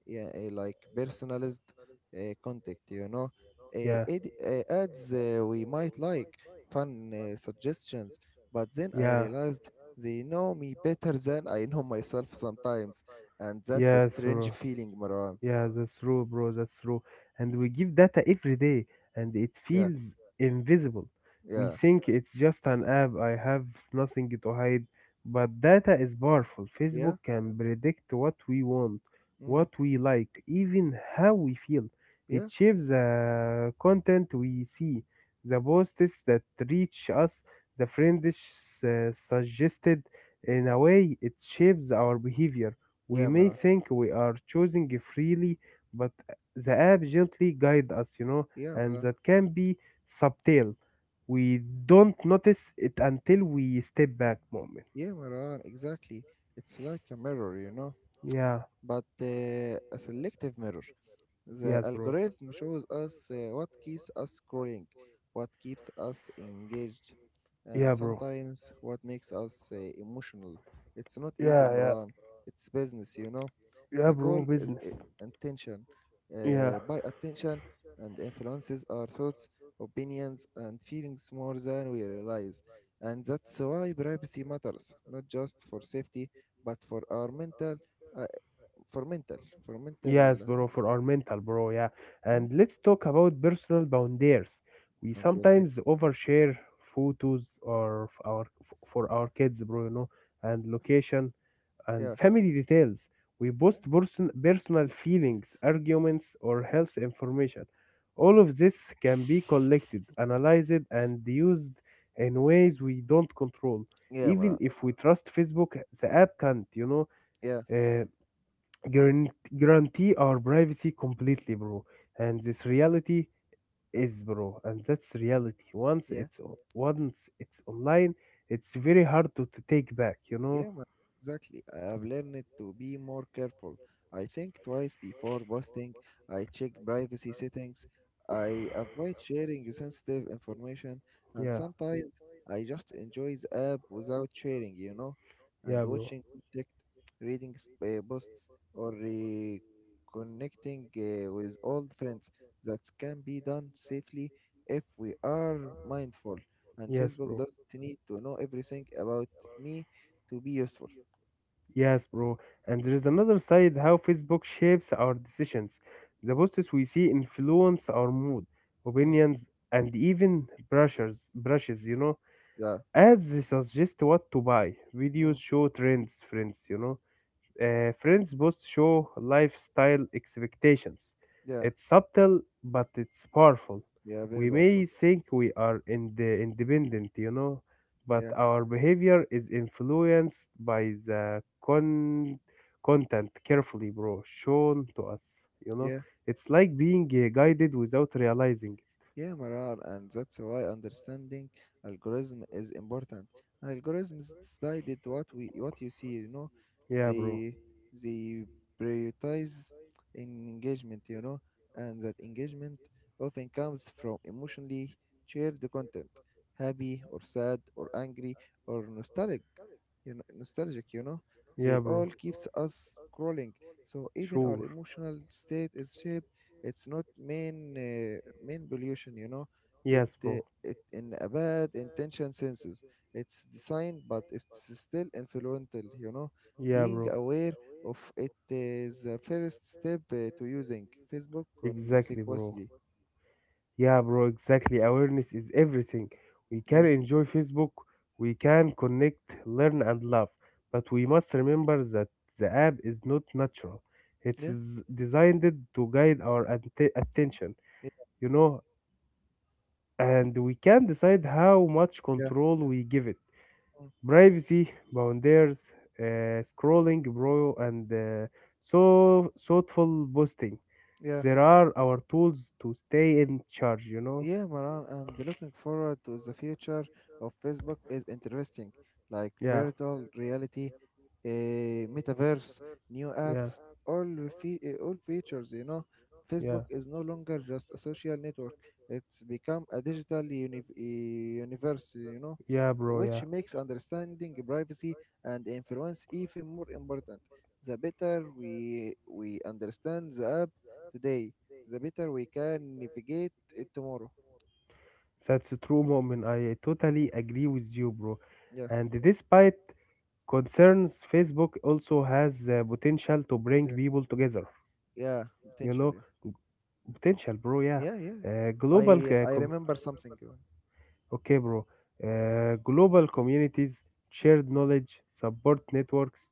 [SPEAKER 1] yeah, like personalized contact, you know.
[SPEAKER 2] yeah,
[SPEAKER 1] Ads we might like, fun suggestions, but then I
[SPEAKER 2] yeah,
[SPEAKER 1] realized they know me better than I know myself sometimes, and that's a
[SPEAKER 2] yes,
[SPEAKER 1] strange
[SPEAKER 2] bro.
[SPEAKER 1] feeling, Maran.
[SPEAKER 2] Yeah, that's true, bro. That's true. And we give data every day, and it
[SPEAKER 1] Yeah,
[SPEAKER 2] feels invisible. We
[SPEAKER 1] yeah,
[SPEAKER 2] think it's just an app. I have nothing to hide. But data is powerful. Facebook
[SPEAKER 1] yeah,
[SPEAKER 2] can predict what we want,
[SPEAKER 1] mm,
[SPEAKER 2] what we like, even how we feel. It
[SPEAKER 1] yeah,
[SPEAKER 2] shapes the content we see, the posts that reach us, the friends suggested. In a way, it shapes our behavior. We
[SPEAKER 1] yeah,
[SPEAKER 2] may
[SPEAKER 1] Maran.
[SPEAKER 2] think we are choosing freely, but the app gently guides us, you know,
[SPEAKER 1] Yeah,
[SPEAKER 2] and
[SPEAKER 1] Maran.
[SPEAKER 2] that can be subtle. We don't notice it until we step back moment.
[SPEAKER 1] Yeah, Maran, exactly. It's like a mirror, you know,
[SPEAKER 2] Yeah,
[SPEAKER 1] but a selective mirror. The
[SPEAKER 2] yes, bro.
[SPEAKER 1] algorithm shows us what keeps us scrolling, what keeps us engaged, and
[SPEAKER 2] Yeah, bro.
[SPEAKER 1] sometimes what makes us emotional. It's not evil,
[SPEAKER 2] Yeah, yeah,
[SPEAKER 1] Moran. It's business, you know.
[SPEAKER 2] yeah,
[SPEAKER 1] The
[SPEAKER 2] bro.
[SPEAKER 1] goal is
[SPEAKER 2] Business.
[SPEAKER 1] I- intention.
[SPEAKER 2] Yeah,
[SPEAKER 1] By attention and influences our thoughts, opinions, and feelings more than we realize. And that's why privacy matters, not just for safety, but for our uh, mental, for
[SPEAKER 2] yes,
[SPEAKER 1] mental.
[SPEAKER 2] bro. For our mental, bro. Yeah,
[SPEAKER 1] Hmm?
[SPEAKER 2] and let's talk about personal boundaries. We
[SPEAKER 1] One DLC.
[SPEAKER 2] sometimes overshare photos or for our kids, bro. You know, and location, and
[SPEAKER 1] Yeah.
[SPEAKER 2] family details. We
[SPEAKER 1] Yeah.
[SPEAKER 2] post personal feelings, arguments, or health information. All of this can be collected, analyzed, and used in ways we don't control.
[SPEAKER 1] Yeah,
[SPEAKER 2] Even
[SPEAKER 1] man.
[SPEAKER 2] if we trust Facebook, the app can't, you know,
[SPEAKER 1] Yeah.
[SPEAKER 2] uh, guarantee our privacy completely, bro. And this reality is, bro, and that's reality. Once
[SPEAKER 1] Yeah.
[SPEAKER 2] it's o- once it's online, it's very hard to take back, you know.
[SPEAKER 1] Yeah, man, exactly. I have learned to be more careful. I think twice before posting. I check privacy settings. I avoid sharing sensitive information. And
[SPEAKER 2] Yeah,
[SPEAKER 1] sometimes I just enjoy the app without sharing, you know,
[SPEAKER 2] yeah,
[SPEAKER 1] and
[SPEAKER 2] bro.
[SPEAKER 1] watching content, reading posts, or reconnecting with old friends. That can be done safely if we are mindful. And
[SPEAKER 2] Yes,
[SPEAKER 1] Facebook
[SPEAKER 2] bro.
[SPEAKER 1] doesn't need to know everything about me to be useful.
[SPEAKER 2] Yes, bro. And there is another side how Facebook shapes our decisions. The
[SPEAKER 1] Mm,
[SPEAKER 2] posts we see influence our mood,
[SPEAKER 1] mm,
[SPEAKER 2] opinions, and even brushes, you know.
[SPEAKER 1] yeah,
[SPEAKER 2] Ads suggest what to buy. Videos
[SPEAKER 1] mm.
[SPEAKER 2] show trends, friends, you know. Friends both show lifestyle expectations.
[SPEAKER 1] Yeah,
[SPEAKER 2] It's subtle, but it's powerful.
[SPEAKER 1] yeah, very
[SPEAKER 2] We
[SPEAKER 1] powerful.
[SPEAKER 2] may think we are in the independent, you know, but
[SPEAKER 1] Yeah,
[SPEAKER 2] our behavior is influenced by the content carefully, bro, shown to us. You know,
[SPEAKER 1] yeah.
[SPEAKER 2] it's like being guided without realizing.
[SPEAKER 1] Yeah, Marar, and that's why understanding algorithm is important. Algorithms decided what you see, you know,
[SPEAKER 2] Yeah, bro.
[SPEAKER 1] they they prioritize engagement, you know, and that engagement often comes from emotionally shared content, happy or sad or angry or nostalgic, you know, they
[SPEAKER 2] Yeah,
[SPEAKER 1] all
[SPEAKER 2] bro.
[SPEAKER 1] keeps us scrolling. So even our
[SPEAKER 2] Sure.
[SPEAKER 1] emotional state is shaped. It's not main pollution, you know,
[SPEAKER 2] Yes, bro.
[SPEAKER 1] it in a bad intention senses it's designed, but it's still influential, you know.
[SPEAKER 2] Yeah,
[SPEAKER 1] Being
[SPEAKER 2] bro.
[SPEAKER 1] aware of it is the first step to using Facebook
[SPEAKER 2] Exactly, bro.
[SPEAKER 1] consequently.
[SPEAKER 2] Yeah, bro, exactly. Awareness is everything. We can
[SPEAKER 1] Yeah,
[SPEAKER 2] enjoy Facebook, we can connect, learn, and love. But we must remember that the app is not natural. It
[SPEAKER 1] yeah,
[SPEAKER 2] is designed to guide our attention,
[SPEAKER 1] yeah,
[SPEAKER 2] you know, and we can decide how much
[SPEAKER 1] yeah,
[SPEAKER 2] control we give it.
[SPEAKER 1] mm,
[SPEAKER 2] Privacy, boundaries, scrolling, bro, and so thoughtful boosting.
[SPEAKER 1] yeah.
[SPEAKER 2] There are our tools to stay in charge, you know.
[SPEAKER 1] Yeah, Maran, and looking forward to the future of Facebook is interesting, like
[SPEAKER 2] Yeah,
[SPEAKER 1] virtual reality, metaverse, new
[SPEAKER 2] yeah,
[SPEAKER 1] apps, all all features. You know,
[SPEAKER 2] yeah,
[SPEAKER 1] Facebook is no longer just a social network; it's become a digital universe. You know,
[SPEAKER 2] yeah, bro, yeah.
[SPEAKER 1] which makes understanding privacy and influence even more important. The better we understand the app today, the better we can navigate it tomorrow.
[SPEAKER 2] That's a true moment. I totally agree with you, bro.
[SPEAKER 1] Yeah,
[SPEAKER 2] And despite concerns, Facebook also has the potential to bring
[SPEAKER 1] yeah,
[SPEAKER 2] people together.
[SPEAKER 1] yeah,
[SPEAKER 2] You know,
[SPEAKER 1] potentially.
[SPEAKER 2] potential, bro. Yeah,
[SPEAKER 1] Yeah, yeah.
[SPEAKER 2] global.
[SPEAKER 1] I I remember something.
[SPEAKER 2] Okay, bro. Global communities, shared knowledge, support networks,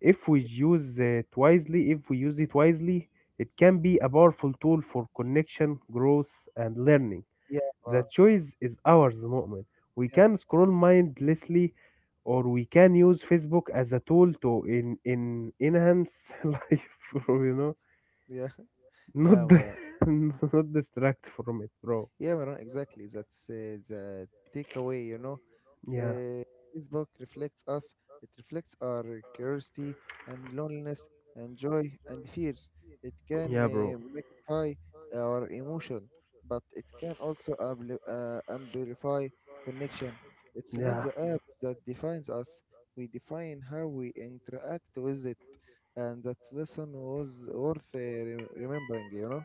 [SPEAKER 2] if we
[SPEAKER 1] y-
[SPEAKER 2] use it wisely if we use it wisely, it can be a powerful tool for connection, growth, and learning.
[SPEAKER 1] Yeah,
[SPEAKER 2] The
[SPEAKER 1] Maran.
[SPEAKER 2] choice is ours, moment. We
[SPEAKER 1] Yeah,
[SPEAKER 2] can scroll mindlessly, or we can use Facebook as a tool to in enhance life, bro, you know,
[SPEAKER 1] yeah,
[SPEAKER 2] not
[SPEAKER 1] yeah, Maran.
[SPEAKER 2] not distract from it, bro.
[SPEAKER 1] Yeah, Maran. Exactly. That's the takeaway. You know,
[SPEAKER 2] Yeah,
[SPEAKER 1] Uh, Facebook reflects us, it reflects our curiosity and loneliness and joy and fears. It can
[SPEAKER 2] yeah, bro,
[SPEAKER 1] magnify our emotion, but it can also amplify connection. It's not
[SPEAKER 2] yeah.
[SPEAKER 1] the app that defines us, we define how we interact with it. And that lesson was worth remembering, you know?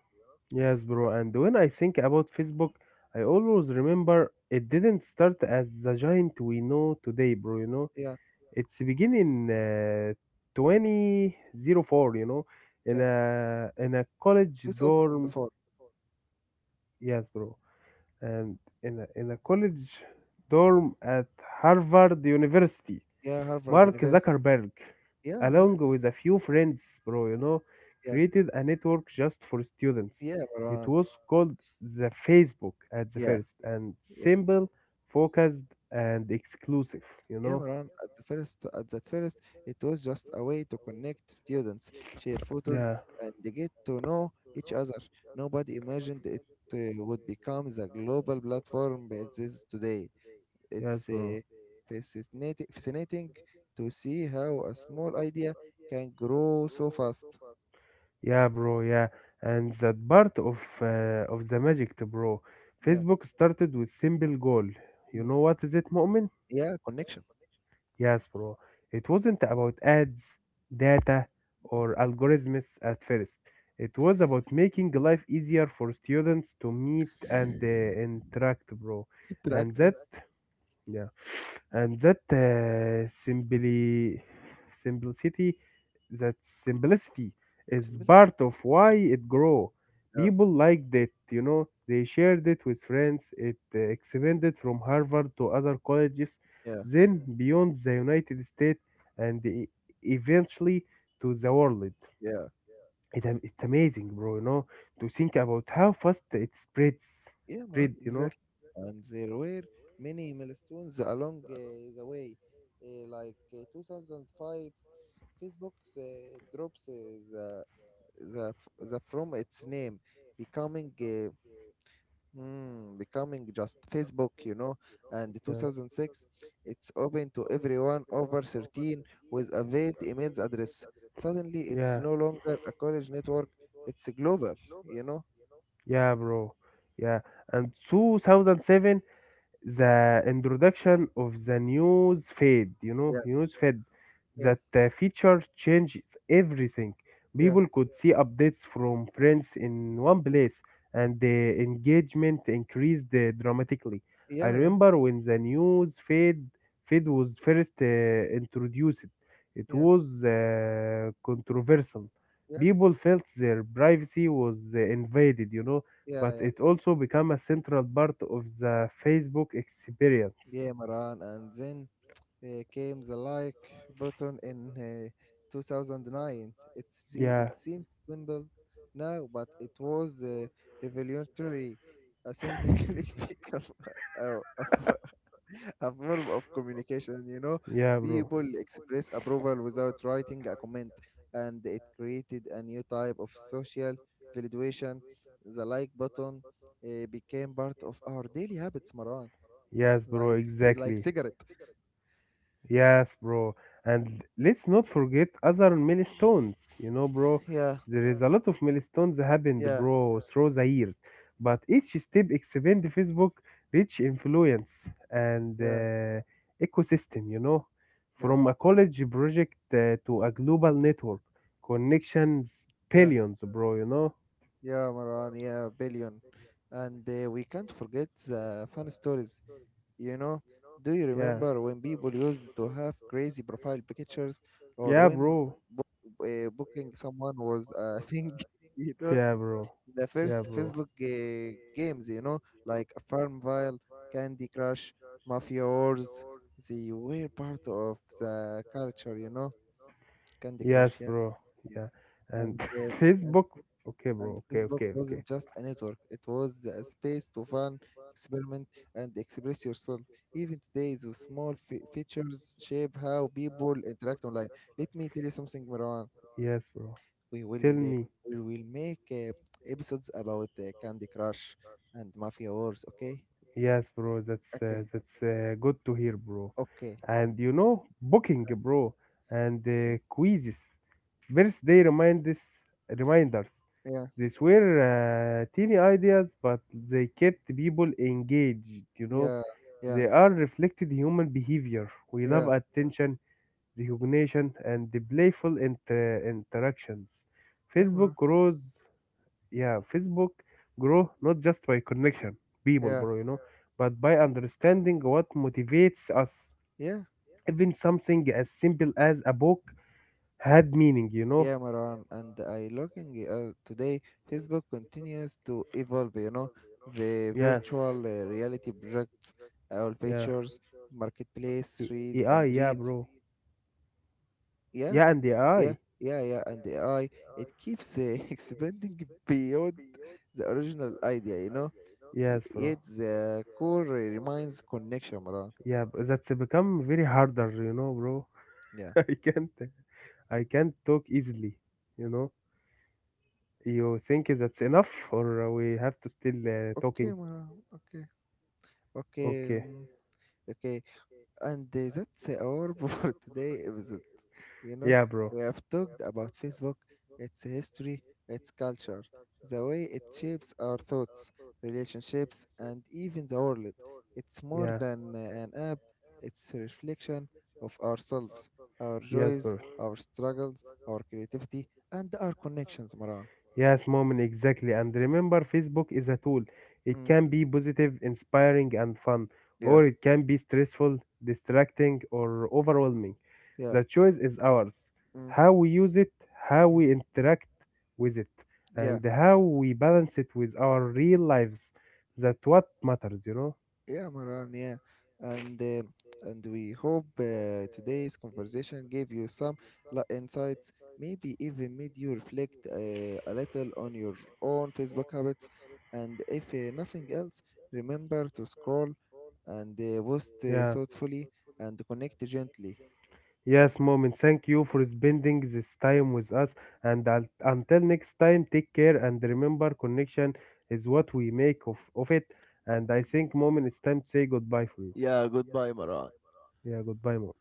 [SPEAKER 2] Yes, bro. And when I think about Facebook, I always remember it didn't start as the giant we know today, bro. You know,
[SPEAKER 1] Yeah,
[SPEAKER 2] it's beginning 2004, you know, in
[SPEAKER 1] yeah.
[SPEAKER 2] a college dorm.
[SPEAKER 1] 2004.
[SPEAKER 2] Yes, bro. And in a college dorm at Harvard University.
[SPEAKER 1] Yeah, Harvard
[SPEAKER 2] Mark
[SPEAKER 1] University.
[SPEAKER 2] Zuckerberg,
[SPEAKER 1] Yeah, yeah,
[SPEAKER 2] along with a few friends, bro, you know,
[SPEAKER 1] yeah,
[SPEAKER 2] created a network just for students.
[SPEAKER 1] yeah,
[SPEAKER 2] It
[SPEAKER 1] Marwan.
[SPEAKER 2] was called the Facebook at the
[SPEAKER 1] Yeah.
[SPEAKER 2] first, and
[SPEAKER 1] Yeah,
[SPEAKER 2] simple, focused, and exclusive, you
[SPEAKER 1] yeah,
[SPEAKER 2] know?
[SPEAKER 1] Maran. At the first, at that first, it was just a way to connect students, share
[SPEAKER 2] Yeah,
[SPEAKER 1] photos, and they get to know each other. Nobody imagined it would become the global platform it is today.
[SPEAKER 2] yes,
[SPEAKER 1] It's
[SPEAKER 2] bro.
[SPEAKER 1] fascinating to see how a small idea can grow so fast.
[SPEAKER 2] Yeah, bro, yeah. And that part of the magic, bro.
[SPEAKER 1] Yeah,
[SPEAKER 2] Facebook started with simple goal. You
[SPEAKER 1] mhm.
[SPEAKER 2] know what is it, Mu'min?
[SPEAKER 1] Yeah, connection,
[SPEAKER 2] Yes, bro. It wasn't about ads, data, or algorithms at first. It was about making life easier for students to meet and interact, bro. And that,
[SPEAKER 1] interaction,
[SPEAKER 2] yeah. And that simply simplicity that simplicity is
[SPEAKER 1] similarity.
[SPEAKER 2] part of why it grow.
[SPEAKER 1] Yeah,
[SPEAKER 2] People liked it, you know. They shared it with friends. It expanded from Harvard to other colleges,
[SPEAKER 1] yeah,
[SPEAKER 2] then beyond the United States, and eventually to the world.
[SPEAKER 1] yeah.
[SPEAKER 2] It, it's amazing, bro. You know, to think about how fast
[SPEAKER 1] Yeah, man,
[SPEAKER 2] spread. You know,
[SPEAKER 1] exactly. And there were many milestones along the way, like 2005, Facebook drops the, the from its name, becoming becoming just Facebook, you know. And
[SPEAKER 2] yeah,
[SPEAKER 1] 2006, it's open to everyone over 13 with a veiled email address. Suddenly, it's
[SPEAKER 2] yeah.
[SPEAKER 1] no longer a college network; it's global, you know.
[SPEAKER 2] Yeah, bro. Yeah. And 2007, the introduction of the news feed, you know,
[SPEAKER 1] Yeah,
[SPEAKER 2] news feed,
[SPEAKER 1] yeah,
[SPEAKER 2] that feature changes everything.
[SPEAKER 1] yeah,
[SPEAKER 2] People could see updates from friends in one place, and the engagement increased dramatically. I
[SPEAKER 1] yeah, yeah,
[SPEAKER 2] remember when the news feed was first introduced, it
[SPEAKER 1] yeah.
[SPEAKER 2] was controversial.
[SPEAKER 1] Yeah.
[SPEAKER 2] People felt their privacy was invaded, you know,
[SPEAKER 1] Yeah,
[SPEAKER 2] but
[SPEAKER 1] yeah,
[SPEAKER 2] it also became a central part of the Facebook experience.
[SPEAKER 1] yeah, Maran. And then came the like button in 2009. It
[SPEAKER 2] Yeah,
[SPEAKER 1] seems simple now, but it was revolutionary. A single click become a, a, a form of communication, you know.
[SPEAKER 2] yeah, bro.
[SPEAKER 1] People express approval without writing a comment, and it created a new type of social validation. The like button became part of our daily habits, Maran.
[SPEAKER 2] Yes, bro,
[SPEAKER 1] Like
[SPEAKER 2] exactly.
[SPEAKER 1] cigarette.
[SPEAKER 2] Yes, bro. And let's not forget other milestones. You know, bro,
[SPEAKER 1] Yeah,
[SPEAKER 2] there is a lot of milestones happened,
[SPEAKER 1] yeah,
[SPEAKER 2] bro, through the years. But each step expand Facebook reach, influence, and
[SPEAKER 1] yeah,
[SPEAKER 2] ecosystem, you know,
[SPEAKER 1] yeah,
[SPEAKER 2] from a college project to a global network. Connections,
[SPEAKER 1] yeah,
[SPEAKER 2] billions, bro, you know?
[SPEAKER 1] yeah, Marwan. Yeah, billion. And we can't forget the fun stories. You know, do you
[SPEAKER 2] Yeah.
[SPEAKER 1] remember when people used to have crazy profile pictures, or
[SPEAKER 2] Yeah,
[SPEAKER 1] when
[SPEAKER 2] bro.
[SPEAKER 1] booking someone was a thing? You know,
[SPEAKER 2] Yeah, bro.
[SPEAKER 1] the
[SPEAKER 2] Yeah,
[SPEAKER 1] first
[SPEAKER 2] bro.
[SPEAKER 1] Facebook games. You know, like Farmville, Candy Crush, Mafia Wars. They were part of the culture. You know, Candy Crush.
[SPEAKER 2] Yes,
[SPEAKER 1] Yeah.
[SPEAKER 2] bro. Yeah. And
[SPEAKER 1] And, uh, and
[SPEAKER 2] Facebook. Okay,
[SPEAKER 1] and
[SPEAKER 2] bro. Okay,
[SPEAKER 1] Facebook
[SPEAKER 2] okay, okay.
[SPEAKER 1] wasn't just a network; it was a space to fun, experiment, and express yourself. Even today, the features shape how people interact online. Let me tell you something, Marwan.
[SPEAKER 2] Yes, bro.
[SPEAKER 1] We will
[SPEAKER 2] Tell
[SPEAKER 1] uh,
[SPEAKER 2] me.
[SPEAKER 1] we will make episodes about Candy Crush and Mafia Wars. Okay,
[SPEAKER 2] Yes, bro. That's uh,
[SPEAKER 1] okay,
[SPEAKER 2] that's uh, good to hear, bro.
[SPEAKER 1] okay.
[SPEAKER 2] And you know, booking, bro, and
[SPEAKER 1] Booking.
[SPEAKER 2] quizzes, birthday reminders.
[SPEAKER 1] Yeah,
[SPEAKER 2] These were teeny ideas, but they kept people engaged. You know,
[SPEAKER 1] yeah, yeah,
[SPEAKER 2] they are reflected human behavior. We love
[SPEAKER 1] yeah,
[SPEAKER 2] attention, recognition, and the playful interactions.
[SPEAKER 1] yeah,
[SPEAKER 2] Facebook
[SPEAKER 1] Marwan.
[SPEAKER 2] grows, yeah, Facebook grow not just by connection, people,
[SPEAKER 1] Yeah,
[SPEAKER 2] bro, you know, but by understanding what motivates us.
[SPEAKER 1] yeah.
[SPEAKER 2] Even something as simple as a book had meaning, you know.
[SPEAKER 1] Yeah, Maran, and I looking today, Facebook continues to evolve, you know, the
[SPEAKER 2] Yes.
[SPEAKER 1] virtual reality projects, all
[SPEAKER 2] Yeah.
[SPEAKER 1] features, marketplace, reel
[SPEAKER 2] AI,
[SPEAKER 1] and
[SPEAKER 2] yeah,
[SPEAKER 1] reels.
[SPEAKER 2] bro.
[SPEAKER 1] Yeah,
[SPEAKER 2] Yeah, and the
[SPEAKER 1] yeah,
[SPEAKER 2] AI.
[SPEAKER 1] yeah, yeah, and the AI, it keeps expanding beyond the original idea, you know.
[SPEAKER 2] Yes, bro.
[SPEAKER 1] Yet the core remains connection, Maran.
[SPEAKER 2] Yeah, bro. That's become very harder, you know, bro.
[SPEAKER 1] Yeah.
[SPEAKER 2] I can't. I can't talk easily, you know. You think that's enough, or we have to still
[SPEAKER 1] Okay,
[SPEAKER 2] talking?
[SPEAKER 1] Maran. Okay. Okay.
[SPEAKER 2] Okay.
[SPEAKER 1] Mm, okay. And that's our for today episode. You know,
[SPEAKER 2] Yeah, bro.
[SPEAKER 1] we have talked about Facebook, its history, its culture, the way it shapes our thoughts, relationships, and even the world. It's more
[SPEAKER 2] Yeah.
[SPEAKER 1] than an app, it's a reflection of ourselves, our
[SPEAKER 2] Yes,
[SPEAKER 1] joys,
[SPEAKER 2] bro.
[SPEAKER 1] our struggles, our creativity, and our connections, Maran.
[SPEAKER 2] Yes, moment, exactly. And remember, Facebook is a tool. It
[SPEAKER 1] Mm,
[SPEAKER 2] can be positive, inspiring, and fun,
[SPEAKER 1] yeah,
[SPEAKER 2] or it can be stressful, distracting, or overwhelming.
[SPEAKER 1] yeah,
[SPEAKER 2] The choice is ours.
[SPEAKER 1] mm,
[SPEAKER 2] How we use it, how
[SPEAKER 1] mm,
[SPEAKER 2] we interact with it,
[SPEAKER 1] yeah.
[SPEAKER 2] and how we balance it with our real lives. That what matters, you know?
[SPEAKER 1] Yeah, Maran, yeah. And uh, and we hope today's conversation gave you some insights, maybe even made you reflect a little on your own Facebook habits. And if nothing else, remember to scroll and post
[SPEAKER 2] Yeah.
[SPEAKER 1] thoughtfully and connect gently.
[SPEAKER 2] Yes, moment. Thank you for spending this time with us. And until next time, take care and remember connection is what we make of it. And I think, moment, it's time to say goodbye for you.
[SPEAKER 1] Yeah, goodbye, Maran.
[SPEAKER 2] Yeah, goodbye, moment.